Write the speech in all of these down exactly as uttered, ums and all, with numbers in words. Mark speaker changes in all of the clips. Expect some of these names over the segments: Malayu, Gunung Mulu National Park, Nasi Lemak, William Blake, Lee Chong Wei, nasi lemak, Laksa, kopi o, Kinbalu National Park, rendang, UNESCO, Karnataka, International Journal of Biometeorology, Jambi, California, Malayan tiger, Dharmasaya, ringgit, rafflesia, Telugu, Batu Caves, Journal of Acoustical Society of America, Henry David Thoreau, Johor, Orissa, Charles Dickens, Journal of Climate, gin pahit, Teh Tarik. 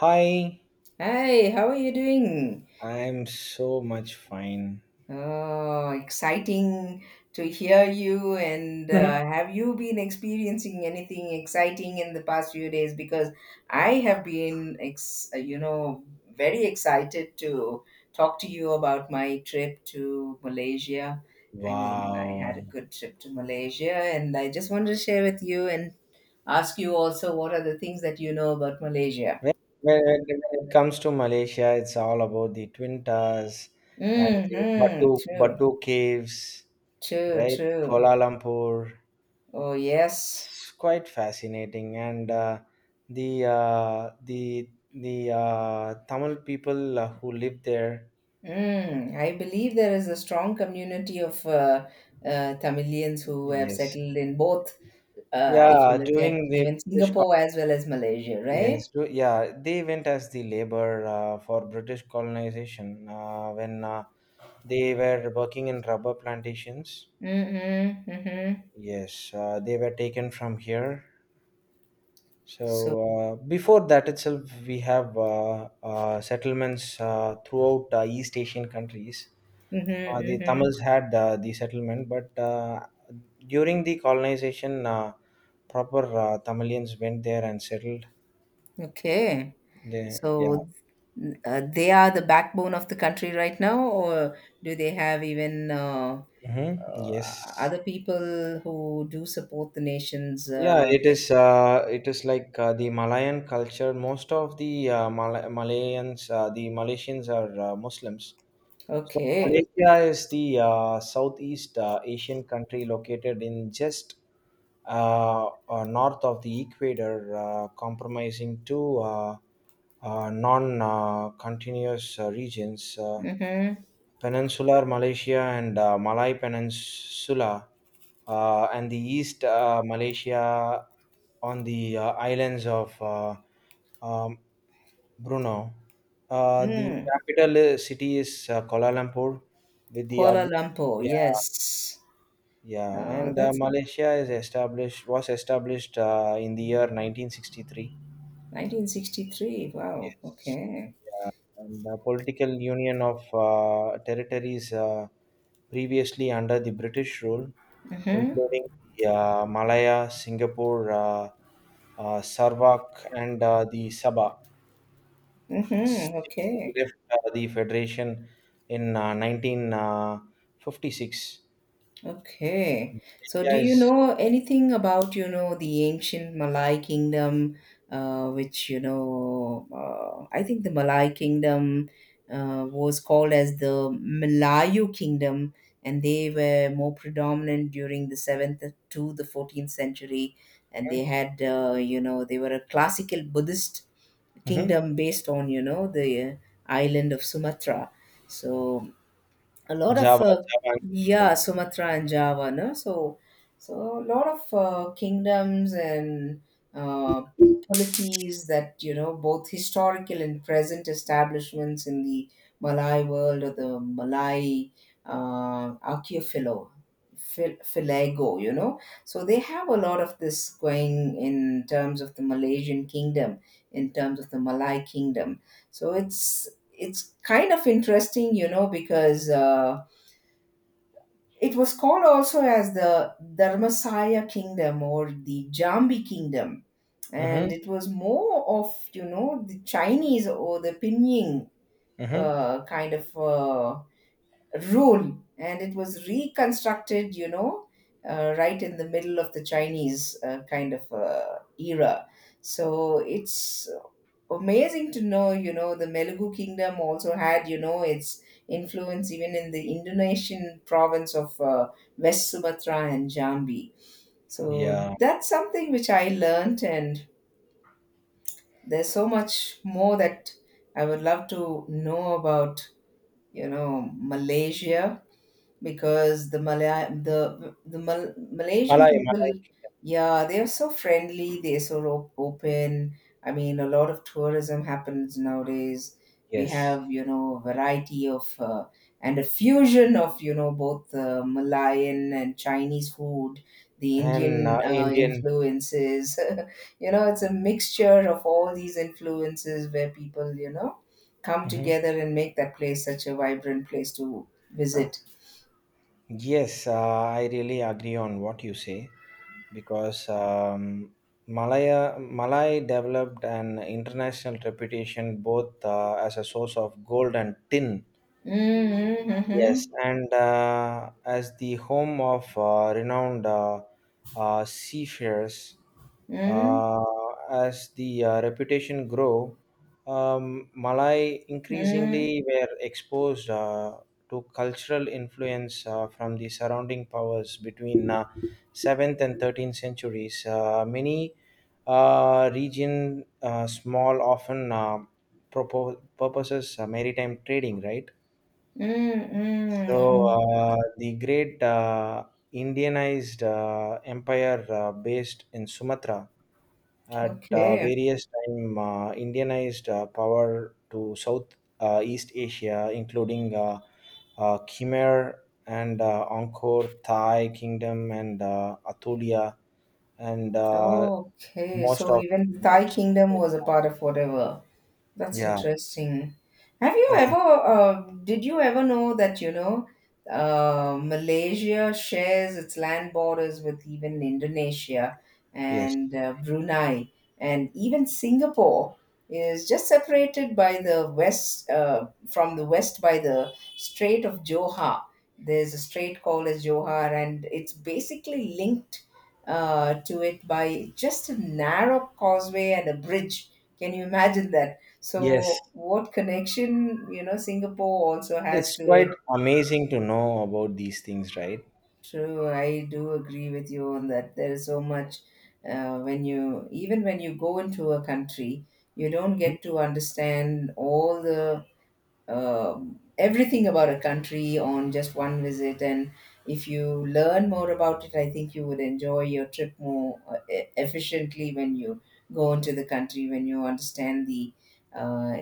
Speaker 1: Hi,
Speaker 2: Hi, how are you doing?
Speaker 1: I'm so much fine.
Speaker 2: Oh, exciting to hear you. And uh, Have you been experiencing anything exciting in the past few days? Because I have been, ex- uh, you know, very excited to talk to you about my trip to Malaysia. I mean, I had a
Speaker 1: Wow.
Speaker 2: good trip to Malaysia, and I just wanted to share with you and ask you also what are the things that you know about Malaysia.
Speaker 1: When, when, it when it comes to Malaysia, it's all about the Twin Towers and the
Speaker 2: Mm-hmm.
Speaker 1: Batu,
Speaker 2: True,
Speaker 1: Batu Caves,
Speaker 2: true,
Speaker 1: right?
Speaker 2: true.
Speaker 1: Kuala Lumpur.
Speaker 2: Oh, yes.
Speaker 1: It's quite fascinating. And uh, the, uh, the, the uh, Tamil people uh, who live there,
Speaker 2: Mm, I believe there is a strong community of uh, uh, Tamilians who have
Speaker 1: yes.
Speaker 2: settled in both, uh, if you
Speaker 1: Yeah,
Speaker 2: look at
Speaker 1: during the
Speaker 2: even
Speaker 1: British.
Speaker 2: Singapore as well as Malaysia, right?
Speaker 1: Yes, to, yeah, they went as the labor uh, for British colonization uh, when uh, they were working in rubber plantations.
Speaker 2: Mm-hmm, mm-hmm.
Speaker 1: Yes, uh, they were taken from here. So
Speaker 2: So,
Speaker 1: uh, before that itself, we have uh, uh, settlements uh, throughout uh, East Asian countries.
Speaker 2: mm-hmm,
Speaker 1: Uh, the
Speaker 2: mm-hmm.
Speaker 1: Tamils had uh, the settlement, but uh, during the colonization, uh, proper uh, Tamilians went there and settled.
Speaker 2: Okay.
Speaker 1: They, yeah.
Speaker 2: So, uh, they are the backbone of the country right now, or do they have even uh,
Speaker 1: hmm Yes.
Speaker 2: uh, other people who do support the nation's?
Speaker 1: Yeah,
Speaker 2: Uh,
Speaker 1: it is. Uh, it is like uh, the Malayan culture. Most of the uh, Mal- Malayans, uh, the Malaysians are uh, Muslims, so
Speaker 2: okay.
Speaker 1: Malaysia is the uh, Southeast uh, Asian country located in just uh, uh, north of the equator, uh, comprising two uh, uh, non-continuous uh, regions: uh,
Speaker 2: Mm-hmm.
Speaker 1: Peninsular Malaysia and uh, Malay Peninsula, uh, and the East uh, Malaysia on the uh, islands of uh, um, Bruno. Uh, the
Speaker 2: Hmm.
Speaker 1: capital uh, city is uh, Kuala Lumpur, with the
Speaker 2: Kuala
Speaker 1: admin.
Speaker 2: Lumpur, yes.
Speaker 1: Yeah, yeah,
Speaker 2: Oh,
Speaker 1: and uh,
Speaker 2: that's
Speaker 1: Malaysia is established was established uh, in the year nineteen sixty-three.
Speaker 2: nineteen sixty-three. Wow.
Speaker 1: Yes,
Speaker 2: Okay.
Speaker 1: yeah, and the political union of uh, territories uh, previously under the British rule,
Speaker 2: Mm-hmm.
Speaker 1: including the, uh, Malaya, Singapore, uh, uh, Sarawak, and uh, the Sabah.
Speaker 2: Mm-hmm.
Speaker 1: Singapore
Speaker 2: Okay.
Speaker 1: left uh, the federation in uh, nineteen fifty-six.
Speaker 2: Okay. So, do you
Speaker 1: Yes.
Speaker 2: know anything about, you know, the ancient Malay kingdom, uh, which, you know, uh, I think the Malay kingdom uh, was called as the Malayu kingdom, and they were more predominant during the seventh to the fourteenth century. And they had, uh, you know, they were a classical Buddhist
Speaker 1: Mm-hmm.
Speaker 2: kingdom based on you know the uh, island of Sumatra, so a lot of
Speaker 1: Java,
Speaker 2: uh,
Speaker 1: Java and
Speaker 2: yeah,
Speaker 1: Sumatra.
Speaker 2: Sumatra and Java. No So, so a lot of uh, kingdoms and uh, polities that you know both historical and present establishments in the Malay world or the Malay uh, archipelago, Phil- Philago, you know, so they have a lot of this going in terms of the Malaysian kingdom, in terms of the Malay kingdom. So it's it's kind of interesting, you know, because uh, it was called also as the Dharmasaya Kingdom or the Jambi Kingdom. And
Speaker 1: Mm-hmm.
Speaker 2: it was more of, you know, the Chinese or the Pinyin
Speaker 1: Mm-hmm.
Speaker 2: uh, kind of uh, rule. And it was reconstructed, you know, uh, right in the middle of the Chinese uh, kind of uh, era. So it's amazing to know you know the Telugu kingdom also had you know its influence even in the Indonesian province of uh, West Sumatra and Jambi, so
Speaker 1: Yeah.
Speaker 2: that's something which I learnt, and there's so much more that I would love to know about you know Malaysia, because the Malay, the the Mal- Malaysian
Speaker 1: Malay, Malay.
Speaker 2: people, yeah, they are so friendly. They're so op- open. I mean, a lot of tourism happens nowadays. We
Speaker 1: Yes.
Speaker 2: have you know a variety of uh, and a fusion of you know both uh, Malayan and Chinese food, the
Speaker 1: And
Speaker 2: Indian
Speaker 1: uh,
Speaker 2: uh,
Speaker 1: Indian.
Speaker 2: influences. You know, it's a mixture of all these influences where people you know come
Speaker 1: Mhm.
Speaker 2: together and make that place such a vibrant place to visit.
Speaker 1: Yes, uh, I really agree on what you say because um, Malaya Malay developed an international reputation both uh, as a source of gold and tin. Yes,
Speaker 2: Mhm,
Speaker 1: and uh, as the home of uh, renowned uh, uh, seafarers,
Speaker 2: mhm,
Speaker 1: uh, as the uh, reputation grew, um, Malay
Speaker 2: mhm,
Speaker 1: increasingly were exposed uh, to cultural influence uh, from the surrounding powers between uh, seventh and thirteenth centuries. Uh, many uh, region uh, small often uh, propo- purposes uh, maritime trading, right?
Speaker 2: mm,
Speaker 1: So
Speaker 2: mm.
Speaker 1: uh, the great uh, Indianized uh, empire uh, based in Sumatra at uh,
Speaker 2: Okay,
Speaker 1: various time uh, Indianized uh, power to South uh, East Asia, including uh, uh, Khmer and uh, Angkor Thai Kingdom and uh, Atulia and uh,
Speaker 2: okay.
Speaker 1: most
Speaker 2: So
Speaker 1: of
Speaker 2: even the Thai
Speaker 1: kingdoms.
Speaker 2: kingdom was a part of whatever. That's
Speaker 1: yeah
Speaker 2: interesting. Have you
Speaker 1: uh,
Speaker 2: ever, uh, did you ever know that, you know, uh, Malaysia shares its land borders with even Indonesia
Speaker 1: yes,
Speaker 2: and uh, Brunei, and even Singapore is just separated by the west, uh, from the west by the Strait of Johor. There's a strait called as Johor, and it's basically linked uh, to it by just a narrow causeway and a bridge. Can you imagine that?
Speaker 1: yes,
Speaker 2: So, what connection, you know, Singapore also has
Speaker 1: it's
Speaker 2: to it?
Speaker 1: quite amazing to know about these things, right?
Speaker 2: True, I do agree with you on that. There is so much uh, when you, even when you go into a country, you don't get to understand all the um, everything about a country on just one visit. And if you learn more about it, I think you would enjoy your trip more uh, e- efficiently when you go into the country, when you understand the uh,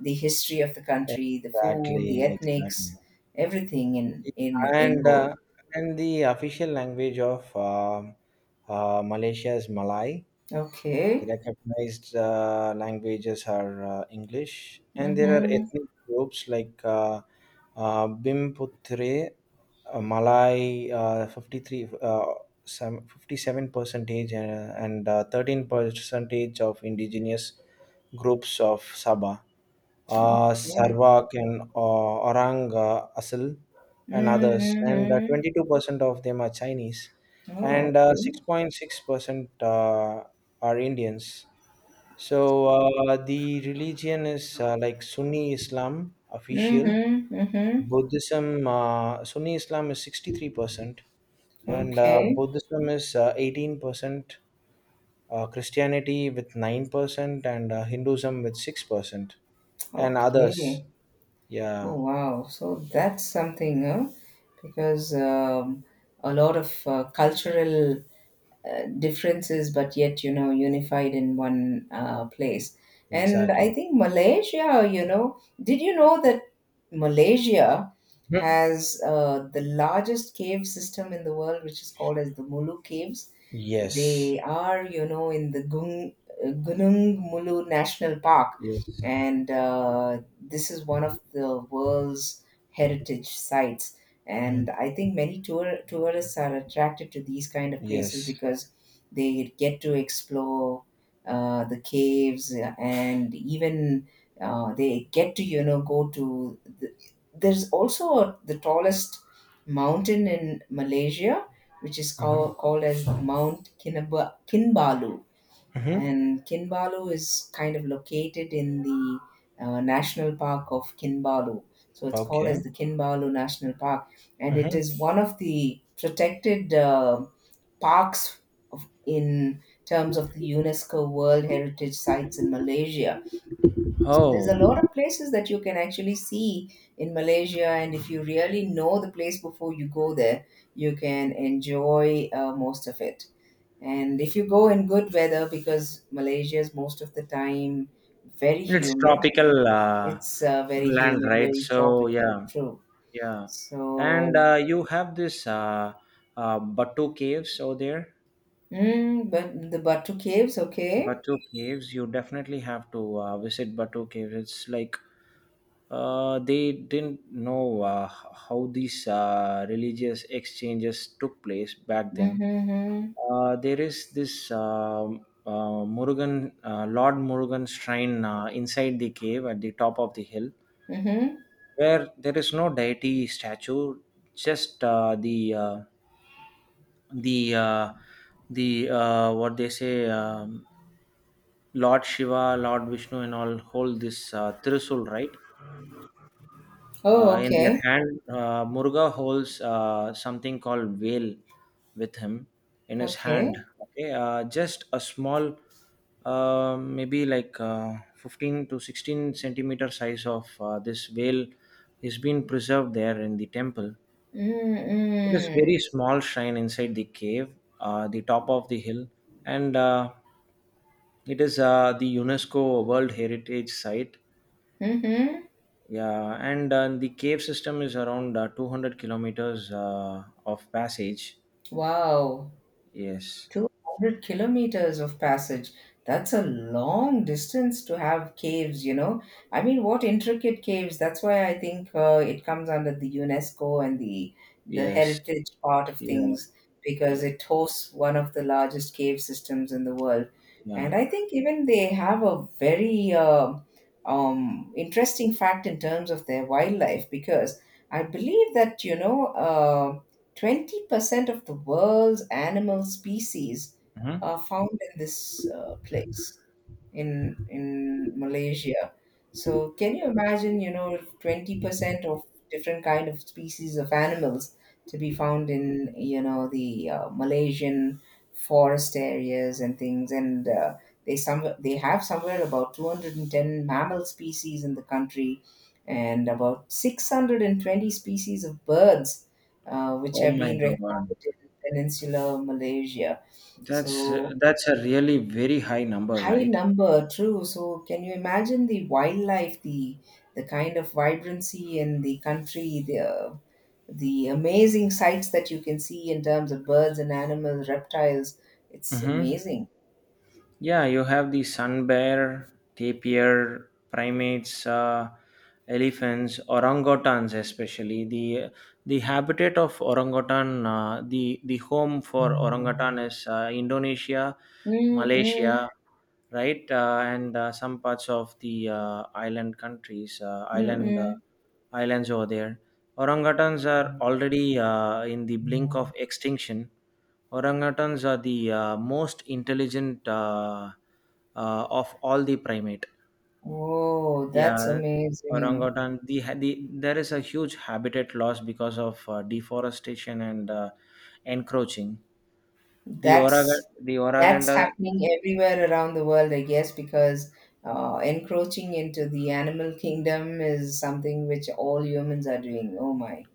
Speaker 2: the history of the country, the food, the
Speaker 1: Exactly,
Speaker 2: ethnics,
Speaker 1: exactly.
Speaker 2: everything in in in
Speaker 1: And
Speaker 2: whole.
Speaker 1: uh, and the official language of um uh, Malaysia is Malay.
Speaker 2: Okay.
Speaker 1: Recognized uh, languages are uh, English, and there are
Speaker 2: Mm-hmm.
Speaker 1: ethnic groups like uh, uh, Bimputre uh, Malay uh, fifty-three uh, some fifty-seven percentage and, and uh, thirteen percentage of indigenous groups of Sabah, uh,
Speaker 2: Okay.
Speaker 1: Sarwak and uh, Orang uh, Asil and others,
Speaker 2: Mm-hmm.
Speaker 1: and uh,
Speaker 2: Mm-hmm.
Speaker 1: twenty-two percent of them are Chinese
Speaker 2: Oh,
Speaker 1: and uh,
Speaker 2: okay.
Speaker 1: six point six percent uh, are Indians. So uh, the religion is uh, like Sunni Islam official
Speaker 2: Mm-hmm. Mm-hmm.
Speaker 1: Buddhism. uh, Sunni Islam is sixty-three percent, and uh,
Speaker 2: Okay.
Speaker 1: Buddhism is uh, eighteen percent, uh, Christianity with nine percent, and uh, Hinduism with six percent, and others.
Speaker 2: Okay.
Speaker 1: Yeah,
Speaker 2: Oh wow! So that's something, huh? Because um, a lot of uh, cultural uh, differences, but yet you know unified in one uh, place. And I
Speaker 1: exactly.
Speaker 2: think Malaysia, you know, did you know that Malaysia
Speaker 1: Mhm.
Speaker 2: has uh, the largest cave system in the world, which is called as the Mulu Caves?
Speaker 1: Yes.
Speaker 2: They are, you know, in the Gung, uh, Gunung Mulu National Park,
Speaker 1: Yes.
Speaker 2: and uh, this is one of the world's heritage sites. And
Speaker 1: Mhm.
Speaker 2: I think many tour tourists are attracted to these kind of places
Speaker 1: Yes.
Speaker 2: because they get to explore uh, the caves and even uh, they get to you know go to the, there's also the tallest mountain in Malaysia, which is
Speaker 1: hmm
Speaker 2: called called as Mount Kinab- Kinbalu.
Speaker 1: hmm
Speaker 2: And Kinbalu is kind of located in the uh, National Park of Kinbalu. So it's called as
Speaker 1: Okay.
Speaker 2: the Kinbalu National Park, and it
Speaker 1: hmm
Speaker 2: is one of the protected uh, parks of, in terms of the UNESCO World Heritage Sites in Malaysia, so there's a lot of
Speaker 1: Oh,
Speaker 2: places that you can actually see in Malaysia, and if you really know the place before you go there, you can enjoy uh, most of it. And if you go in good weather, because Malaysia is most of the time very
Speaker 1: it's
Speaker 2: humid,
Speaker 1: tropical uh,
Speaker 2: it's uh, very
Speaker 1: land,
Speaker 2: humid,
Speaker 1: right?
Speaker 2: very
Speaker 1: So,
Speaker 2: tropical,
Speaker 1: yeah.
Speaker 2: true.
Speaker 1: Yeah, and
Speaker 2: So,
Speaker 1: uh, you have this uh, uh, Batu Caves over there.
Speaker 2: mm, but the Batu Caves, okay.
Speaker 1: Batu Caves, you definitely have to uh, visit Batu Caves. It's like uh, they didn't know uh, h- how these uh, religious exchanges took place back
Speaker 2: Mm-hmm,
Speaker 1: then.
Speaker 2: mm-hmm.
Speaker 1: Uh, there is this um uh, Murugan, uh, Lord Murugan shrine uh, inside the cave at the top of the hill,
Speaker 2: Mm-hmm.
Speaker 1: where there is no deity statue, just uh, the uh, the uh, the uh, what they say, um, Lord Shiva, Lord Vishnu, and all hold this uh, Trisul, right?
Speaker 2: Oh,
Speaker 1: Uh, in their
Speaker 2: okay,
Speaker 1: hand, uh, Muruga holds uh, something called veil with him in his hand.
Speaker 2: okay.
Speaker 1: Okay, uh, just a small, uh, maybe like uh, fifteen to sixteen centimeter size of uh, this veil is being preserved there in the temple. It is
Speaker 2: Mm-hmm,
Speaker 1: very small shrine inside the cave, uh, the top of the hill, and uh, it is uh, the UNESCO World Heritage Site.
Speaker 2: mm-hmm.
Speaker 1: Yeah, and uh, the cave system is around uh, two hundred kilometers uh, of passage.
Speaker 2: Wow.
Speaker 1: Yes,
Speaker 2: two hundred kilometers of passage. That's a long distance to have caves, you know. I mean, what intricate caves. That's why I think uh, it comes under the UNESCO and the the
Speaker 1: yes,
Speaker 2: heritage part of
Speaker 1: yeah,
Speaker 2: things, because
Speaker 1: yeah.
Speaker 2: it hosts one of the largest cave systems in the world.
Speaker 1: Yeah.
Speaker 2: And I think even they have a very uh, um, interesting fact in terms of their wildlife, because I believe that, you know, uh, twenty percent of the world's animal species
Speaker 1: Mhm.
Speaker 2: are found in this uh, place in in Malaysia. So can you imagine, you know, twenty percent of different kind of species of animals to be found in, you know, the uh, Malaysian forest areas and things, and uh, they some they have somewhere about two hundred ten mammal species in the country and about six hundred twenty species of birds uh, which
Speaker 1: Oh
Speaker 2: have
Speaker 1: my
Speaker 2: been recorded
Speaker 1: God,
Speaker 2: in peninsular Malaysia.
Speaker 1: that's
Speaker 2: So
Speaker 1: that's a really very high number,
Speaker 2: high
Speaker 1: right?
Speaker 2: number, true, so can you imagine the wildlife, the the kind of vibrancy in the country, the uh, the amazing sights that you can see in terms of birds and animals, reptiles, it's
Speaker 1: Mm-hmm.
Speaker 2: amazing.
Speaker 1: Yeah, you have the sun bear, tapir, primates, uh, elephants, orangutans, especially the the habitat of orangutan. Uh, the the home for orangutan is uh, Indonesia,
Speaker 2: Mm-mm,
Speaker 1: Malaysia, right, uh, and uh, some parts of the uh, island countries, uh, island uh,
Speaker 2: mm-mm.
Speaker 1: islands over there. Orangutans are already uh, in the blink of extinction. Orangutans are the uh, most intelligent uh, uh, of all the primate.
Speaker 2: Oh, that's
Speaker 1: Yeah,
Speaker 2: amazing.
Speaker 1: orangutan. The, ha- the there is a huge habitat loss because of uh, deforestation and uh, encroaching. The orang
Speaker 2: That's
Speaker 1: the
Speaker 2: that's
Speaker 1: oranganda
Speaker 2: happening everywhere around the world, I guess, because uh, encroaching into the animal kingdom is something which all humans are doing. Oh my.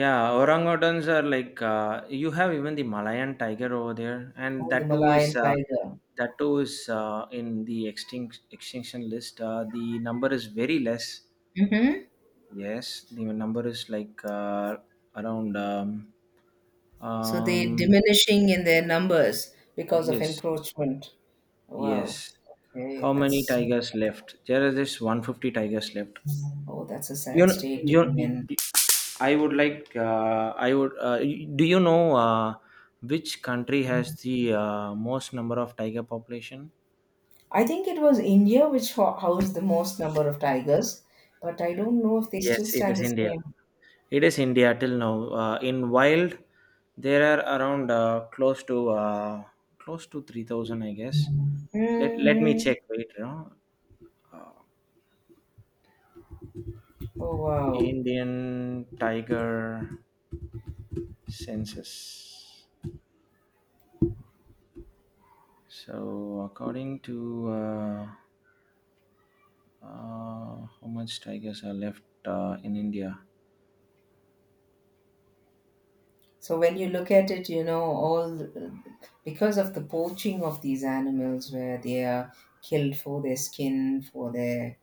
Speaker 1: Yeah, orangutans are like uh, you have even the Malayan tiger over there, and
Speaker 2: Oh, the
Speaker 1: that too is
Speaker 2: Malayan
Speaker 1: uh,
Speaker 2: tiger.
Speaker 1: that too is uh, in the extinct extinction list. Uh, the number is very less.
Speaker 2: Hmm.
Speaker 1: Yes, the number is like uh, around um,
Speaker 2: So they
Speaker 1: um
Speaker 2: diminishing in their numbers because of
Speaker 1: yes,
Speaker 2: encroachment. Wow.
Speaker 1: yes.
Speaker 2: Okay,
Speaker 1: How many
Speaker 2: that's
Speaker 1: tigers left? There is this one hundred fifty tigers left.
Speaker 2: oh, that's a
Speaker 1: You
Speaker 2: sad
Speaker 1: know,
Speaker 2: state to
Speaker 1: you
Speaker 2: be in.
Speaker 1: I would like uh, I would uh, do you know uh, which country has the uh, most number of tiger population?
Speaker 2: I think it was India which ho- housed the most number of tigers, but I don't know if they still
Speaker 1: Yes, it
Speaker 2: stand
Speaker 1: is
Speaker 2: the
Speaker 1: India.
Speaker 2: same.
Speaker 1: It is India till now. Uh, in wild, there are around uh, close to uh, close to three thousand, I guess. Let Let me
Speaker 2: Hmm.
Speaker 1: check. Wait, you know,
Speaker 2: Oh wow.
Speaker 1: Indian tiger census. So according to uh, uh, how much tigers are left uh, in India?
Speaker 2: So when you look at it, you know, all because of the poaching of these animals, where they are killed for their skin, for their,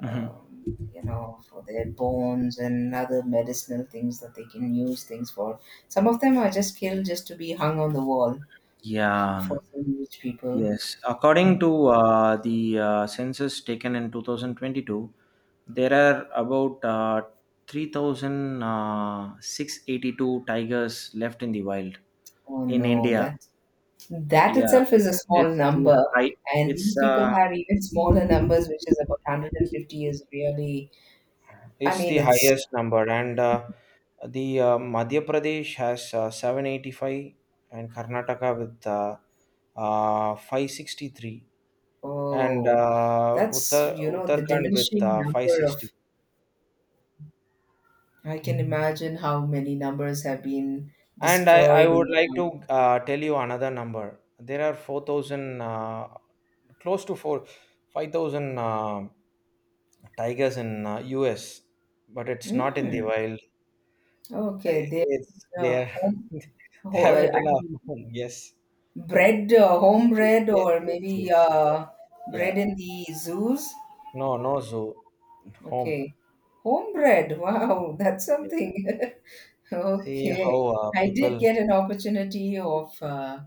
Speaker 1: Mhm.
Speaker 2: um, you know, for their bones and other medicinal things that they can use things for. Some of them are just killed just to be hung on the wall
Speaker 1: Yeah.
Speaker 2: for some rich people.
Speaker 1: Yes, according to uh, the uh, census taken in two thousand twenty-two, there are about uh, three thousand six hundred eighty-two tigers left in the wild
Speaker 2: Oh
Speaker 1: in
Speaker 2: no,
Speaker 1: India.
Speaker 2: that that
Speaker 1: Yeah,
Speaker 2: itself is a small
Speaker 1: it's the
Speaker 2: number,
Speaker 1: high.
Speaker 2: and these
Speaker 1: It's
Speaker 2: people
Speaker 1: uh,
Speaker 2: have even smaller numbers, which is about one hundred fifty is really. I
Speaker 1: it's
Speaker 2: mean,
Speaker 1: the
Speaker 2: it's
Speaker 1: highest number, and uh, the uh, Madhya Pradesh has uh, seven hundred eighty-five, and Karnataka with uh, uh, five hundred sixty-three, and
Speaker 2: Oh,
Speaker 1: uh,
Speaker 2: that's,
Speaker 1: Uttar
Speaker 2: you know, the
Speaker 1: Uttarakhand with
Speaker 2: diminishing
Speaker 1: uh,
Speaker 2: number
Speaker 1: five hundred sixty.
Speaker 2: of, I can imagine how many numbers have been
Speaker 1: And I, I
Speaker 2: destroyed in
Speaker 1: would
Speaker 2: the
Speaker 1: like
Speaker 2: past.
Speaker 1: to uh, tell you another number. There are four thousand, uh, close to four, five thousand uh, tigers in uh, U S, but it's not in the
Speaker 2: Mm,
Speaker 1: wild.
Speaker 2: okay,
Speaker 1: I-
Speaker 2: they
Speaker 1: It's
Speaker 2: uh,
Speaker 1: there.
Speaker 2: home,
Speaker 1: They
Speaker 2: ho-
Speaker 1: have
Speaker 2: uh,
Speaker 1: it
Speaker 2: I
Speaker 1: in a
Speaker 2: mean,
Speaker 1: home. Yes.
Speaker 2: bread, uh, home
Speaker 1: Y-
Speaker 2: bread,
Speaker 1: Yes,
Speaker 2: or
Speaker 1: yes,
Speaker 2: maybe
Speaker 1: yes. Yeah.
Speaker 2: uh,
Speaker 1: Yeah.
Speaker 2: bread in the zoos.
Speaker 1: No, no zoo. Home.
Speaker 2: Okay, home bread. Wow, that's
Speaker 1: Yeah.
Speaker 2: something.
Speaker 1: See
Speaker 2: Okay,
Speaker 1: how uh,
Speaker 2: I did
Speaker 1: people,
Speaker 2: get an opportunity of uh,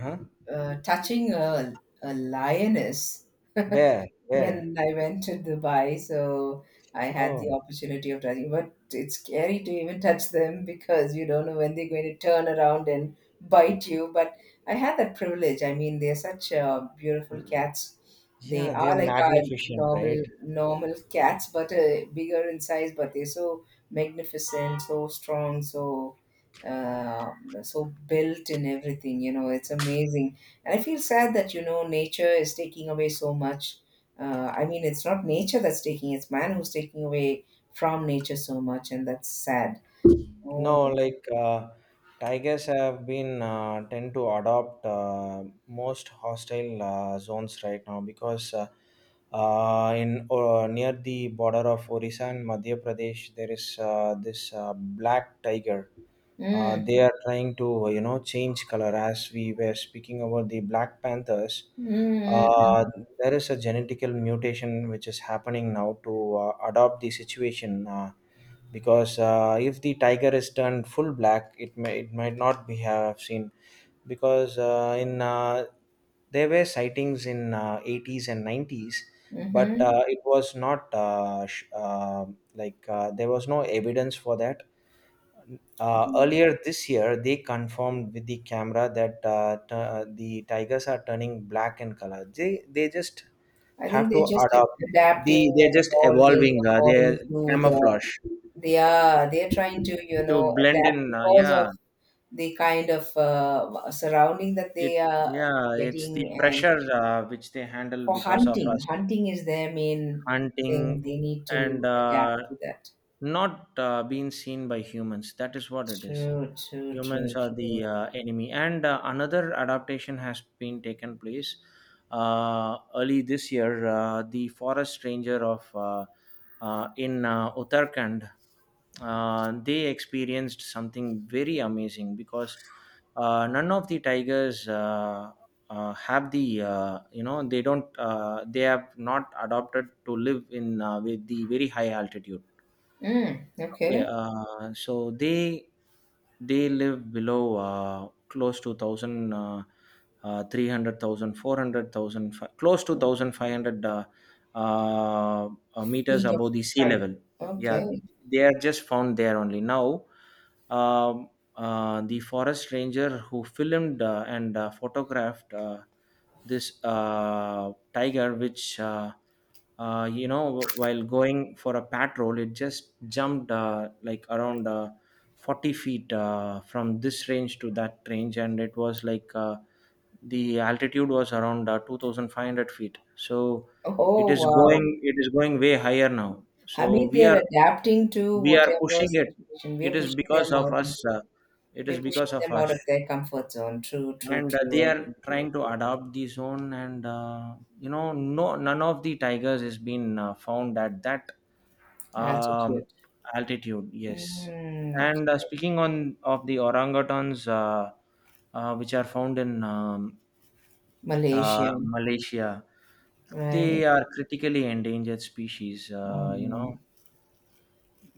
Speaker 1: huh?
Speaker 2: uh, touching a, a lioness
Speaker 1: Where? Where?
Speaker 2: when I went to Dubai, so I had the
Speaker 1: Oh,
Speaker 2: opportunity of touching, but it's scary to even touch them because you don't know when they're going to turn around and bite you. But I had that privilege. I mean, they're such uh, beautiful cats. They
Speaker 1: yeah, they're
Speaker 2: are like our
Speaker 1: magnificent,
Speaker 2: normal
Speaker 1: right?
Speaker 2: normal cats, but uh, bigger in size. But they're so magnificent, so strong, so uh, so built in everything. You know, it's amazing. And I feel sad that you know nature is taking away so much uh, I mean it's not nature that's taking, it's man who's taking away from nature so much, and that's sad. Oh,
Speaker 1: No, like uh, tigers have been uh, tend to adopt uh, most hostile uh, zones right now because uh, uh, in uh, near the border of Orissa and Madhya Pradesh there is uh, this uh, black tiger. Uh,
Speaker 2: mm.
Speaker 1: they are trying to, you know, change color as we were speaking about the black panthers.
Speaker 2: Mm,
Speaker 1: Uh,
Speaker 2: mm,
Speaker 1: there is a genetical mutation which is happening now to uh, adopt the situation. Uh, because uh, if the tiger is turned full black it may it might not be have seen because uh, in uh, there were sightings in uh, eighties and nineties, but
Speaker 2: mm-hmm.
Speaker 1: uh, it was not uh, sh- uh, like uh, there was no evidence for that. Uh, earlier this year they confirmed with the camera that uh, t- uh, the tigers are turning black in color. They they just
Speaker 2: I think
Speaker 1: have to
Speaker 2: they're just
Speaker 1: adopt.
Speaker 2: adapting
Speaker 1: The
Speaker 2: and
Speaker 1: they're just
Speaker 2: evolving
Speaker 1: evolving, uh, are
Speaker 2: according to the,
Speaker 1: camouflage
Speaker 2: they are, they're trying to you
Speaker 1: to
Speaker 2: know
Speaker 1: blend
Speaker 2: adapt
Speaker 1: in, uh,
Speaker 2: because of
Speaker 1: yeah
Speaker 2: the kind of uh, surrounding that
Speaker 1: it
Speaker 2: they are
Speaker 1: yeah, it's
Speaker 2: getting
Speaker 1: the
Speaker 2: and
Speaker 1: pressure uh, which they handle
Speaker 2: for
Speaker 1: because of
Speaker 2: hunting,
Speaker 1: us
Speaker 2: hunting is their main thing,
Speaker 1: hunting,
Speaker 2: they need
Speaker 1: and
Speaker 2: to adapt
Speaker 1: uh,
Speaker 2: to that.
Speaker 1: not uh, being seen by humans. That is what it is.
Speaker 2: True, true, true,
Speaker 1: Humans are
Speaker 2: true.
Speaker 1: the uh, enemy, and uh, another adaptation has been taken place. Uh, early this year uh, the forest ranger of uh, uh, in uh, Uttarakhand, uh, they experienced something very amazing because uh, none of the tigers uh, uh, have the, uh, you know, they don't uh, they have not adopted to live in uh, with the very high altitude.
Speaker 2: Mm,
Speaker 1: Okay,
Speaker 2: okay.
Speaker 1: uh, so they they live below uh, close to thousand uh, uh, three hundred thousand four hundred thousand fi- close to thousand five hundred uh, uh, uh, meters
Speaker 2: Feet of
Speaker 1: above the sea
Speaker 2: height.
Speaker 1: level. Yeah,
Speaker 2: Okay.
Speaker 1: they are just found there only. Now, um, uh, the forest ranger who filmed uh, and uh, photographed uh, this uh, tiger, which uh, uh, you know, while going for a patrol, it just jumped uh, like around uh, forty feet uh, from this range to that range, and it was like uh, the altitude was around uh, two thousand five hundred feet. So it
Speaker 2: Oh,
Speaker 1: is
Speaker 2: wow.
Speaker 1: going, it is going way higher now,
Speaker 2: I
Speaker 1: so
Speaker 2: mean,
Speaker 1: we
Speaker 2: they're
Speaker 1: are
Speaker 2: adapting to
Speaker 1: we are
Speaker 2: whatever
Speaker 1: pushing it.
Speaker 2: situation.
Speaker 1: It
Speaker 2: We're
Speaker 1: is
Speaker 2: pushing
Speaker 1: because
Speaker 2: them
Speaker 1: of
Speaker 2: out
Speaker 1: us,
Speaker 2: into
Speaker 1: uh, it is
Speaker 2: We're pushing
Speaker 1: because of
Speaker 2: them out
Speaker 1: us,
Speaker 2: of their comfort zone. True, true,
Speaker 1: and uh, they
Speaker 2: true. I
Speaker 1: are
Speaker 2: do agree with
Speaker 1: trying to
Speaker 2: you.
Speaker 1: adopt the zone, and uh, you know, no none of the tigers has been uh, found at that um,
Speaker 2: Altitude.
Speaker 1: altitude. Yes.
Speaker 2: Mm,
Speaker 1: And uh,
Speaker 2: okay.
Speaker 1: speaking on of the orangutans, uh, uh, which are found in um, uh,
Speaker 2: Malaysia.
Speaker 1: Malaysia,
Speaker 2: Right.
Speaker 1: they are critically endangered species, uh, you know,
Speaker 2: Um,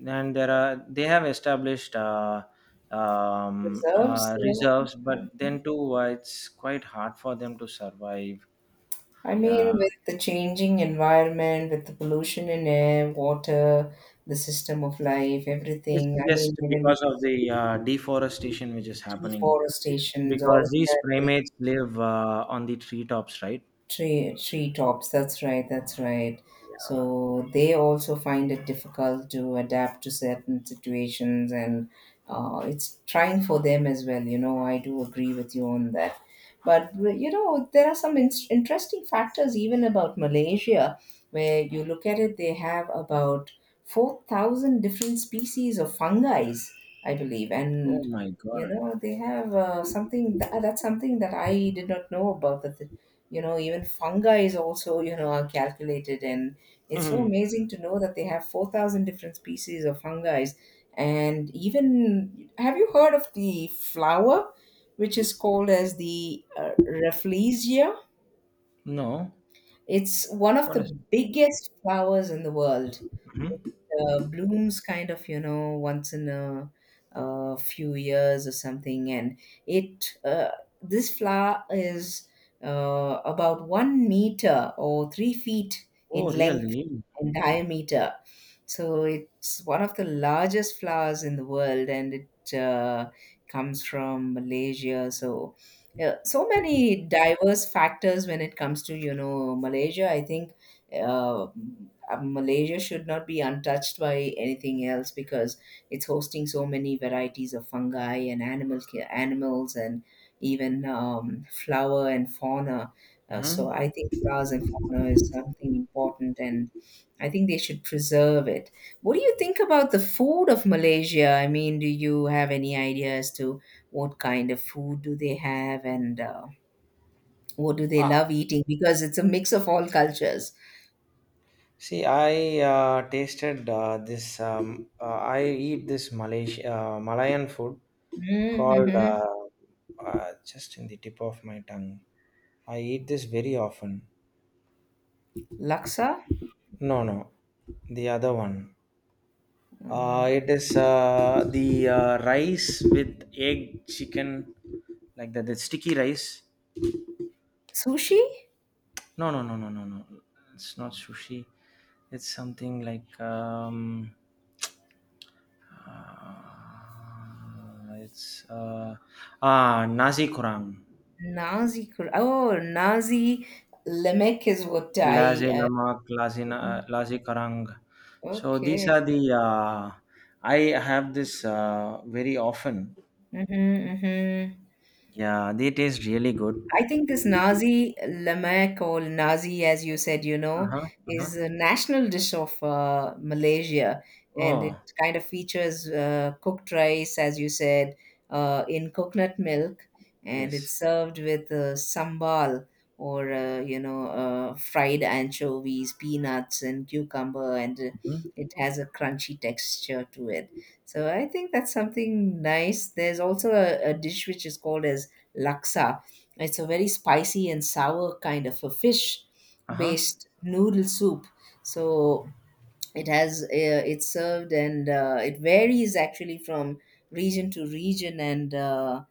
Speaker 1: and there are they have established uh, um,
Speaker 2: reserves.
Speaker 1: uh,
Speaker 2: Yeah.
Speaker 1: reserves, but
Speaker 2: Okay.
Speaker 1: then too uh, it's quite hard for them to survive.
Speaker 2: I mean,
Speaker 1: Yeah,
Speaker 2: with the changing environment, with the pollution in air, water, the system of life,
Speaker 1: it's
Speaker 2: everything. I mean,
Speaker 1: just
Speaker 2: even
Speaker 1: because of the uh, deforestation which is happening,
Speaker 2: deforestation, all
Speaker 1: because
Speaker 2: of
Speaker 1: these
Speaker 2: that.
Speaker 1: primates live uh, on the treetops, right?
Speaker 2: Tree tree tops. That's right. That's right.
Speaker 1: Uh,
Speaker 2: So they also find it difficult to adapt to certain situations, and uh, it's trying for them as well. You know, I do agree with you on that. But you know, there are some in- interesting factors even about Malaysia, where you look at it, they have about four thousand different species of fungi, I believe,
Speaker 1: oh
Speaker 2: and
Speaker 1: my
Speaker 2: you
Speaker 1: God.
Speaker 2: know they have uh, something that, that's something that I did not know about that. You know even fungi is also, you know, are calculated, and it's so
Speaker 1: Mhm.
Speaker 2: amazing to know that they have four thousand different species of fungi. And even, have you heard of the flower which is called as the uh, rafflesia?
Speaker 1: No.
Speaker 2: It's one of
Speaker 1: What
Speaker 2: the
Speaker 1: is-
Speaker 2: biggest flowers in the world.
Speaker 1: Mhm.
Speaker 2: It uh, blooms, kind of, you know, once in a, a few years or something. And it uh, this flower is uh, about one meter or three feet
Speaker 1: Oh,
Speaker 2: in length
Speaker 1: really?
Speaker 2: and diameter. So it's one of the largest flowers in the world, and it uh, comes from Malaysia. So yeah, so many diverse factors when it comes to, you know, Malaysia, I think. uh, uh, Malaysia should not be untouched by anything else, because it's hosting so many varieties of fungi and animal ki- animals and even um, flower and fauna. Uh, so
Speaker 1: Mhm.
Speaker 2: I think flowers and fauna is something important, and I think they should preserve it. What do you think about the food of Malaysia? I mean, do you have any idea as to what kind of food do they have and uh, what do they
Speaker 1: Uh,
Speaker 2: love eating? Because it's a mix of all cultures.
Speaker 1: See, I uh, tasted uh, this. Um, uh, I eat this Malaysia uh, Malayan food called
Speaker 2: Mhm.
Speaker 1: uh, uh, just in the tip of my tongue. I eat this very often.
Speaker 2: Laksa,
Speaker 1: No, no, the other one. Uh,
Speaker 2: mm,
Speaker 1: it is uh, the uh, rice with egg, chicken, like that. The sticky rice.
Speaker 2: sushi,
Speaker 1: No, no, no, no, no, no. It's not sushi. It's something like um, uh, it's uh, ah nasi kurang,
Speaker 2: Nazi. cr- Oh, Nazi lemek is what I.
Speaker 1: laze
Speaker 2: Uh,
Speaker 1: lamak, laze na- laze karang. So these
Speaker 2: okay.
Speaker 1: are the uh, I have this uh, very often.
Speaker 2: Mm-hmm, mm-hmm.
Speaker 1: Yeah, they taste really good.
Speaker 2: I think this Nazi lemak or Nazi, as you said, you
Speaker 1: Uh
Speaker 2: know,
Speaker 1: huh. Uh huh.
Speaker 2: is a national dish of uh, Malaysia, and it
Speaker 1: Oh
Speaker 2: kind of features uh, cooked rice, as you said, uh, in coconut milk, and
Speaker 1: yes.
Speaker 2: it's served with uh, sambal or uh, you know, uh, fried anchovies, peanuts, and cucumber, and uh,
Speaker 1: Mm.
Speaker 2: it has a crunchy texture to it. So I think that's something nice. There's also a, a dish which is called as laksa. It's a very spicy and sour kind of a fish
Speaker 1: Uh-huh.
Speaker 2: based noodle soup. So it has uh, it's served and uh, it varies actually from region to region, and uh,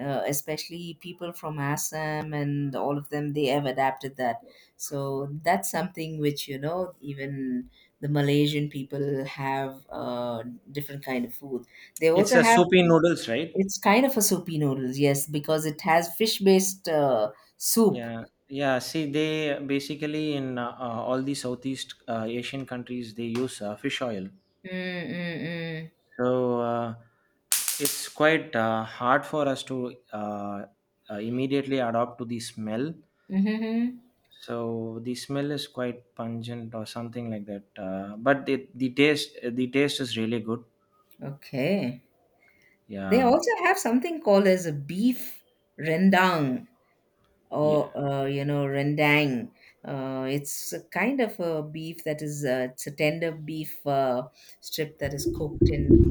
Speaker 2: uh, especially people from Assam and all of them, they have adapted that. So that's something which, you know, even the Malaysian people have uh, different kind of food. They
Speaker 1: It's
Speaker 2: also
Speaker 1: a
Speaker 2: have
Speaker 1: soupy noodles, right?
Speaker 2: it's kind of a soupy noodles, yes, because it has fish-based uh, soup.
Speaker 1: Yeah. Yeah. See, they basically in uh, uh, all the Southeast uh, Asian countries, they use uh, fish oil.
Speaker 2: Mm-mm-mm.
Speaker 1: So uh, it's quite uh, hard for us to uh, uh, immediately adopt to the smell.
Speaker 2: Mm-hmm.
Speaker 1: So the smell is quite pungent or something like that. Uh, but the, the taste, the taste is really good.
Speaker 2: Okay. They
Speaker 1: Yeah.
Speaker 2: also have something called as a beef rendang
Speaker 1: Yeah.
Speaker 2: or uh, you know, rendang. Uh, it's a kind of a beef that is uh, it's a tender beef uh, strip that is cooked in.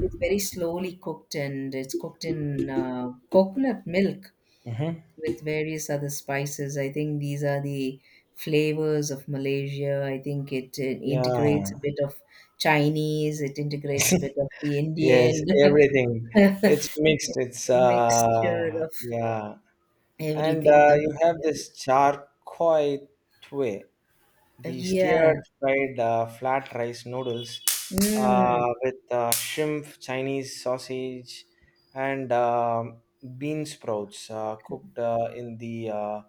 Speaker 2: It's very slowly cooked and it's cooked in uh, coconut milk
Speaker 1: Mm-hmm.
Speaker 2: with various other spices. I think these are the flavors of Malaysia. I think it, uh, integrates a
Speaker 1: Yeah.
Speaker 2: bit of Chinese, it integrates a bit of the Indian.
Speaker 1: Yes, everything. It's
Speaker 2: It's
Speaker 1: mixed. It's
Speaker 2: a mixture
Speaker 1: uh
Speaker 2: of
Speaker 1: yeah. And
Speaker 2: everything
Speaker 1: uh, you
Speaker 2: coming
Speaker 1: have
Speaker 2: together.
Speaker 1: this charcoal way,
Speaker 2: Uh,
Speaker 1: the stir
Speaker 2: Yeah.
Speaker 1: fried uh, flat rice noodles
Speaker 2: Mm.
Speaker 1: uh, with uh, shrimp, Chinese sausage, and um bean sprouts uh, cooked uh, in the uh,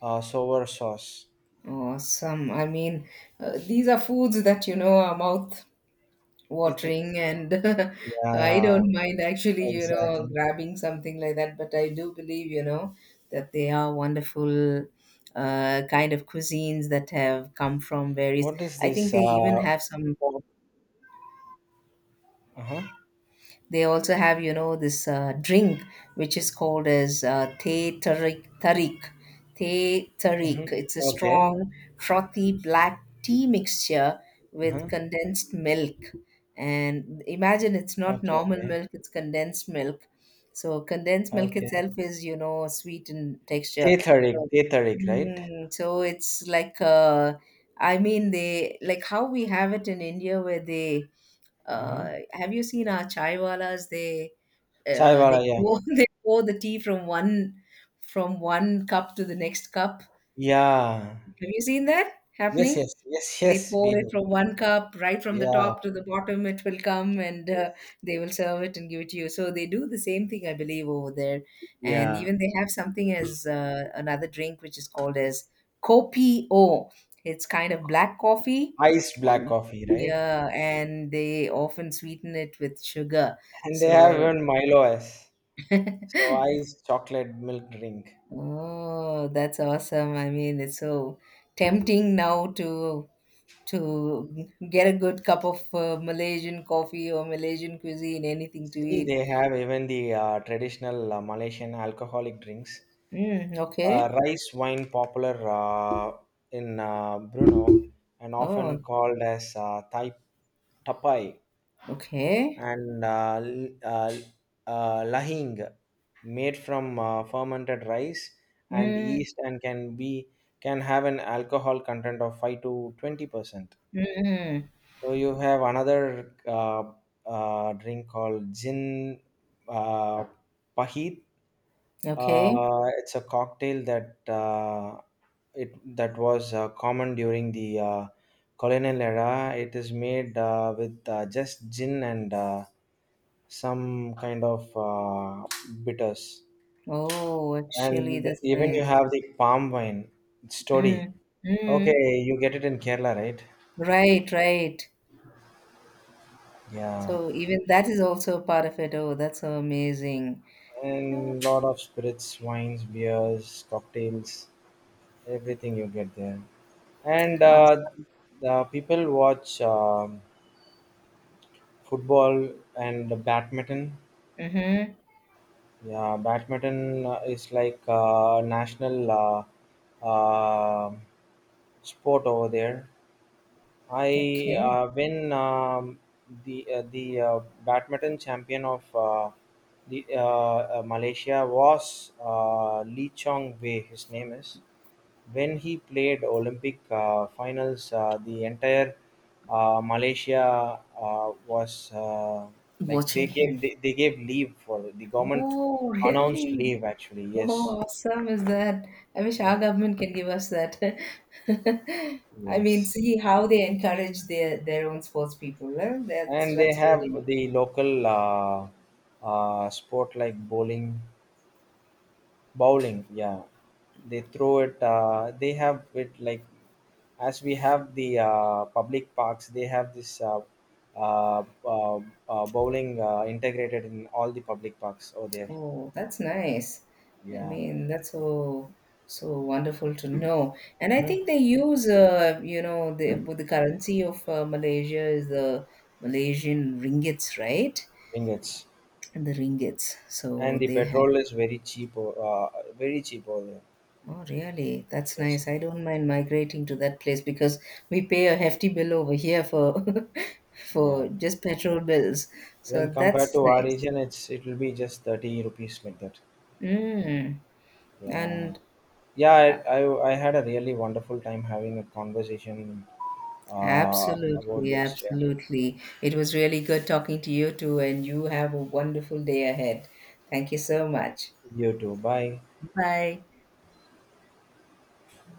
Speaker 1: uh, sour sauce.
Speaker 2: Awesome. I mean, uh, these are foods that, you know, our mouth
Speaker 1: It's
Speaker 2: watering. And I
Speaker 1: yeah,
Speaker 2: don't mind actually, you know,
Speaker 1: exactly.
Speaker 2: grabbing something like that, but I do believe, you know, that they are wonderful uh, kind of cuisines that have come from various.
Speaker 1: What is
Speaker 2: I think
Speaker 1: this?
Speaker 2: they even
Speaker 1: Uh,
Speaker 2: have some.
Speaker 1: oh, uh-huh.
Speaker 2: They also have, you know, this uh, drink which is called as uh, Teh Tarik. Tarik. Teh tarik.
Speaker 1: Hmm.
Speaker 2: It's a
Speaker 1: Okay.
Speaker 2: strong, frothy black tea mixture with
Speaker 1: Uh-huh.
Speaker 2: condensed milk. And imagine, it's not
Speaker 1: Okay,
Speaker 2: normal
Speaker 1: okay,
Speaker 2: milk, it's condensed milk. So condensed milk
Speaker 1: okay.
Speaker 2: itself is, you know, sweet in texture.
Speaker 1: Tetheric,
Speaker 2: So,
Speaker 1: Tetheric, right?
Speaker 2: mm, so it's like, uh, I mean, they like how we have it in India where they uh,
Speaker 1: Mm-hmm.
Speaker 2: have you seen our chaiwalas? They uh, they
Speaker 1: Chaiwala, yeah.
Speaker 2: pour they pour the tea from one from one cup to the next cup.
Speaker 1: Yeah.
Speaker 2: Have you seen that
Speaker 1: Yes,
Speaker 2: happening?
Speaker 1: yes, yes,
Speaker 2: They
Speaker 1: yes,
Speaker 2: pour
Speaker 1: we
Speaker 2: it
Speaker 1: do.
Speaker 2: from one cup right from the
Speaker 1: Yeah,
Speaker 2: top to the bottom. It will come and uh,
Speaker 1: yes.
Speaker 2: they will serve it and give it to you. So they do the same thing, I believe, over there. And
Speaker 1: Yeah.
Speaker 2: even they have something as uh, another drink which is called as kopi o. It's kind of black coffee.
Speaker 1: Iced black
Speaker 2: Um,
Speaker 1: coffee, right?
Speaker 2: yeah, and they often sweeten it with sugar.
Speaker 1: And they have
Speaker 2: So
Speaker 1: even Milo S. So iced chocolate milk drink.
Speaker 2: Oh, that's awesome. I mean, it's so tempting now to to get a good cup of uh, Malaysian coffee or Malaysian cuisine, anything to
Speaker 1: See,
Speaker 2: eat.
Speaker 1: they have even the uh, traditional uh, Malaysian alcoholic drinks.
Speaker 2: Mm,
Speaker 1: Uh,
Speaker 2: okay.
Speaker 1: rice wine popular uh, in uh, Brunei and often
Speaker 2: Oh,
Speaker 1: called as uh, Thai tapai
Speaker 2: okay.
Speaker 1: and uh, l- uh, uh, lahing made from uh, fermented rice and
Speaker 2: Mm,
Speaker 1: yeast and can be can have an alcohol content of five to twenty percent.
Speaker 2: mm,
Speaker 1: So you have another uh, uh, drink called gin uh, pahit.
Speaker 2: okay.
Speaker 1: Uh, it's a cocktail that uh, it that was uh, common during the uh, colonial era. It is made uh, with uh, just gin and uh, some kind of uh, bitters,
Speaker 2: Oh, actually,
Speaker 1: and
Speaker 2: that's
Speaker 1: even you
Speaker 2: nice.
Speaker 1: have the palm wine. It's toddy.
Speaker 2: Mm, mm.
Speaker 1: Okay, you get it in Kerala, right?
Speaker 2: Right, right.
Speaker 1: Yeah.
Speaker 2: So even that is also part of it. Oh, that's so amazing.
Speaker 1: And lot of spirits, wines, beers, cocktails, everything you get there. And uh,
Speaker 2: Awesome.
Speaker 1: the people watch um football and the badminton.
Speaker 2: Mm-hmm.
Speaker 1: Yeah, badminton uh, is like uh, national uh, uh, sport over there. I
Speaker 2: Okay.
Speaker 1: uh, when um, The uh, the uh, badminton champion of uh, the uh, uh, Malaysia was uh, Lee Chong Wei. His name is, when he played Olympic uh, finals. Uh, the entire uh, Malaysia uh, was uh, like they
Speaker 2: Watching
Speaker 1: gave
Speaker 2: him.
Speaker 1: they, they gave leave for the government,
Speaker 2: Oh,
Speaker 1: announced
Speaker 2: really?
Speaker 1: leave actually. Yes,
Speaker 2: Oh, awesome is that. I wish
Speaker 1: yeah.
Speaker 2: our government can give us that. I mean,
Speaker 1: Yes.
Speaker 2: see how they encourage their their own sports people. Huh? That's
Speaker 1: And they
Speaker 2: that's really nice.
Speaker 1: have the local uh, uh, sport like bowling bowling Yeah, they throw it, uh, they have it like, as we have the uh, public parks, they have this uh, uh, uh, uh, bowling uh, integrated in all the public parks over there.
Speaker 2: Oh, that's nice. I
Speaker 1: Yeah.
Speaker 2: mean, that's so so wonderful to know. And I think
Speaker 1: Mhm.
Speaker 2: they use, uh, you know, the with the currency of uh, Malaysia is the Malaysian ringgits, right?
Speaker 1: Ingots
Speaker 2: And the ringgits. So
Speaker 1: and the
Speaker 2: they have.
Speaker 1: petrol is very cheap, o- uh, very cheap over there.
Speaker 2: Oh, really? That's
Speaker 1: Yes,
Speaker 2: nice. I don't mind migrating to that place because we pay a hefty bill over here for
Speaker 1: yeah.
Speaker 2: for just petrol bills.
Speaker 1: When
Speaker 2: So
Speaker 1: compared
Speaker 2: that's
Speaker 1: to our
Speaker 2: nice.
Speaker 1: region, it's, it will be just thirty rupees like that.
Speaker 2: Mm.
Speaker 1: Yeah.
Speaker 2: And
Speaker 1: Yeah, I,
Speaker 2: uh,
Speaker 1: I, I had a really wonderful time having a conversation uh, about
Speaker 2: absolutely,
Speaker 1: this. Yeah.
Speaker 2: absolutely. It was really good talking to you too, and you have a wonderful day ahead. Thank you so much.
Speaker 1: You too. Bye.
Speaker 2: Bye.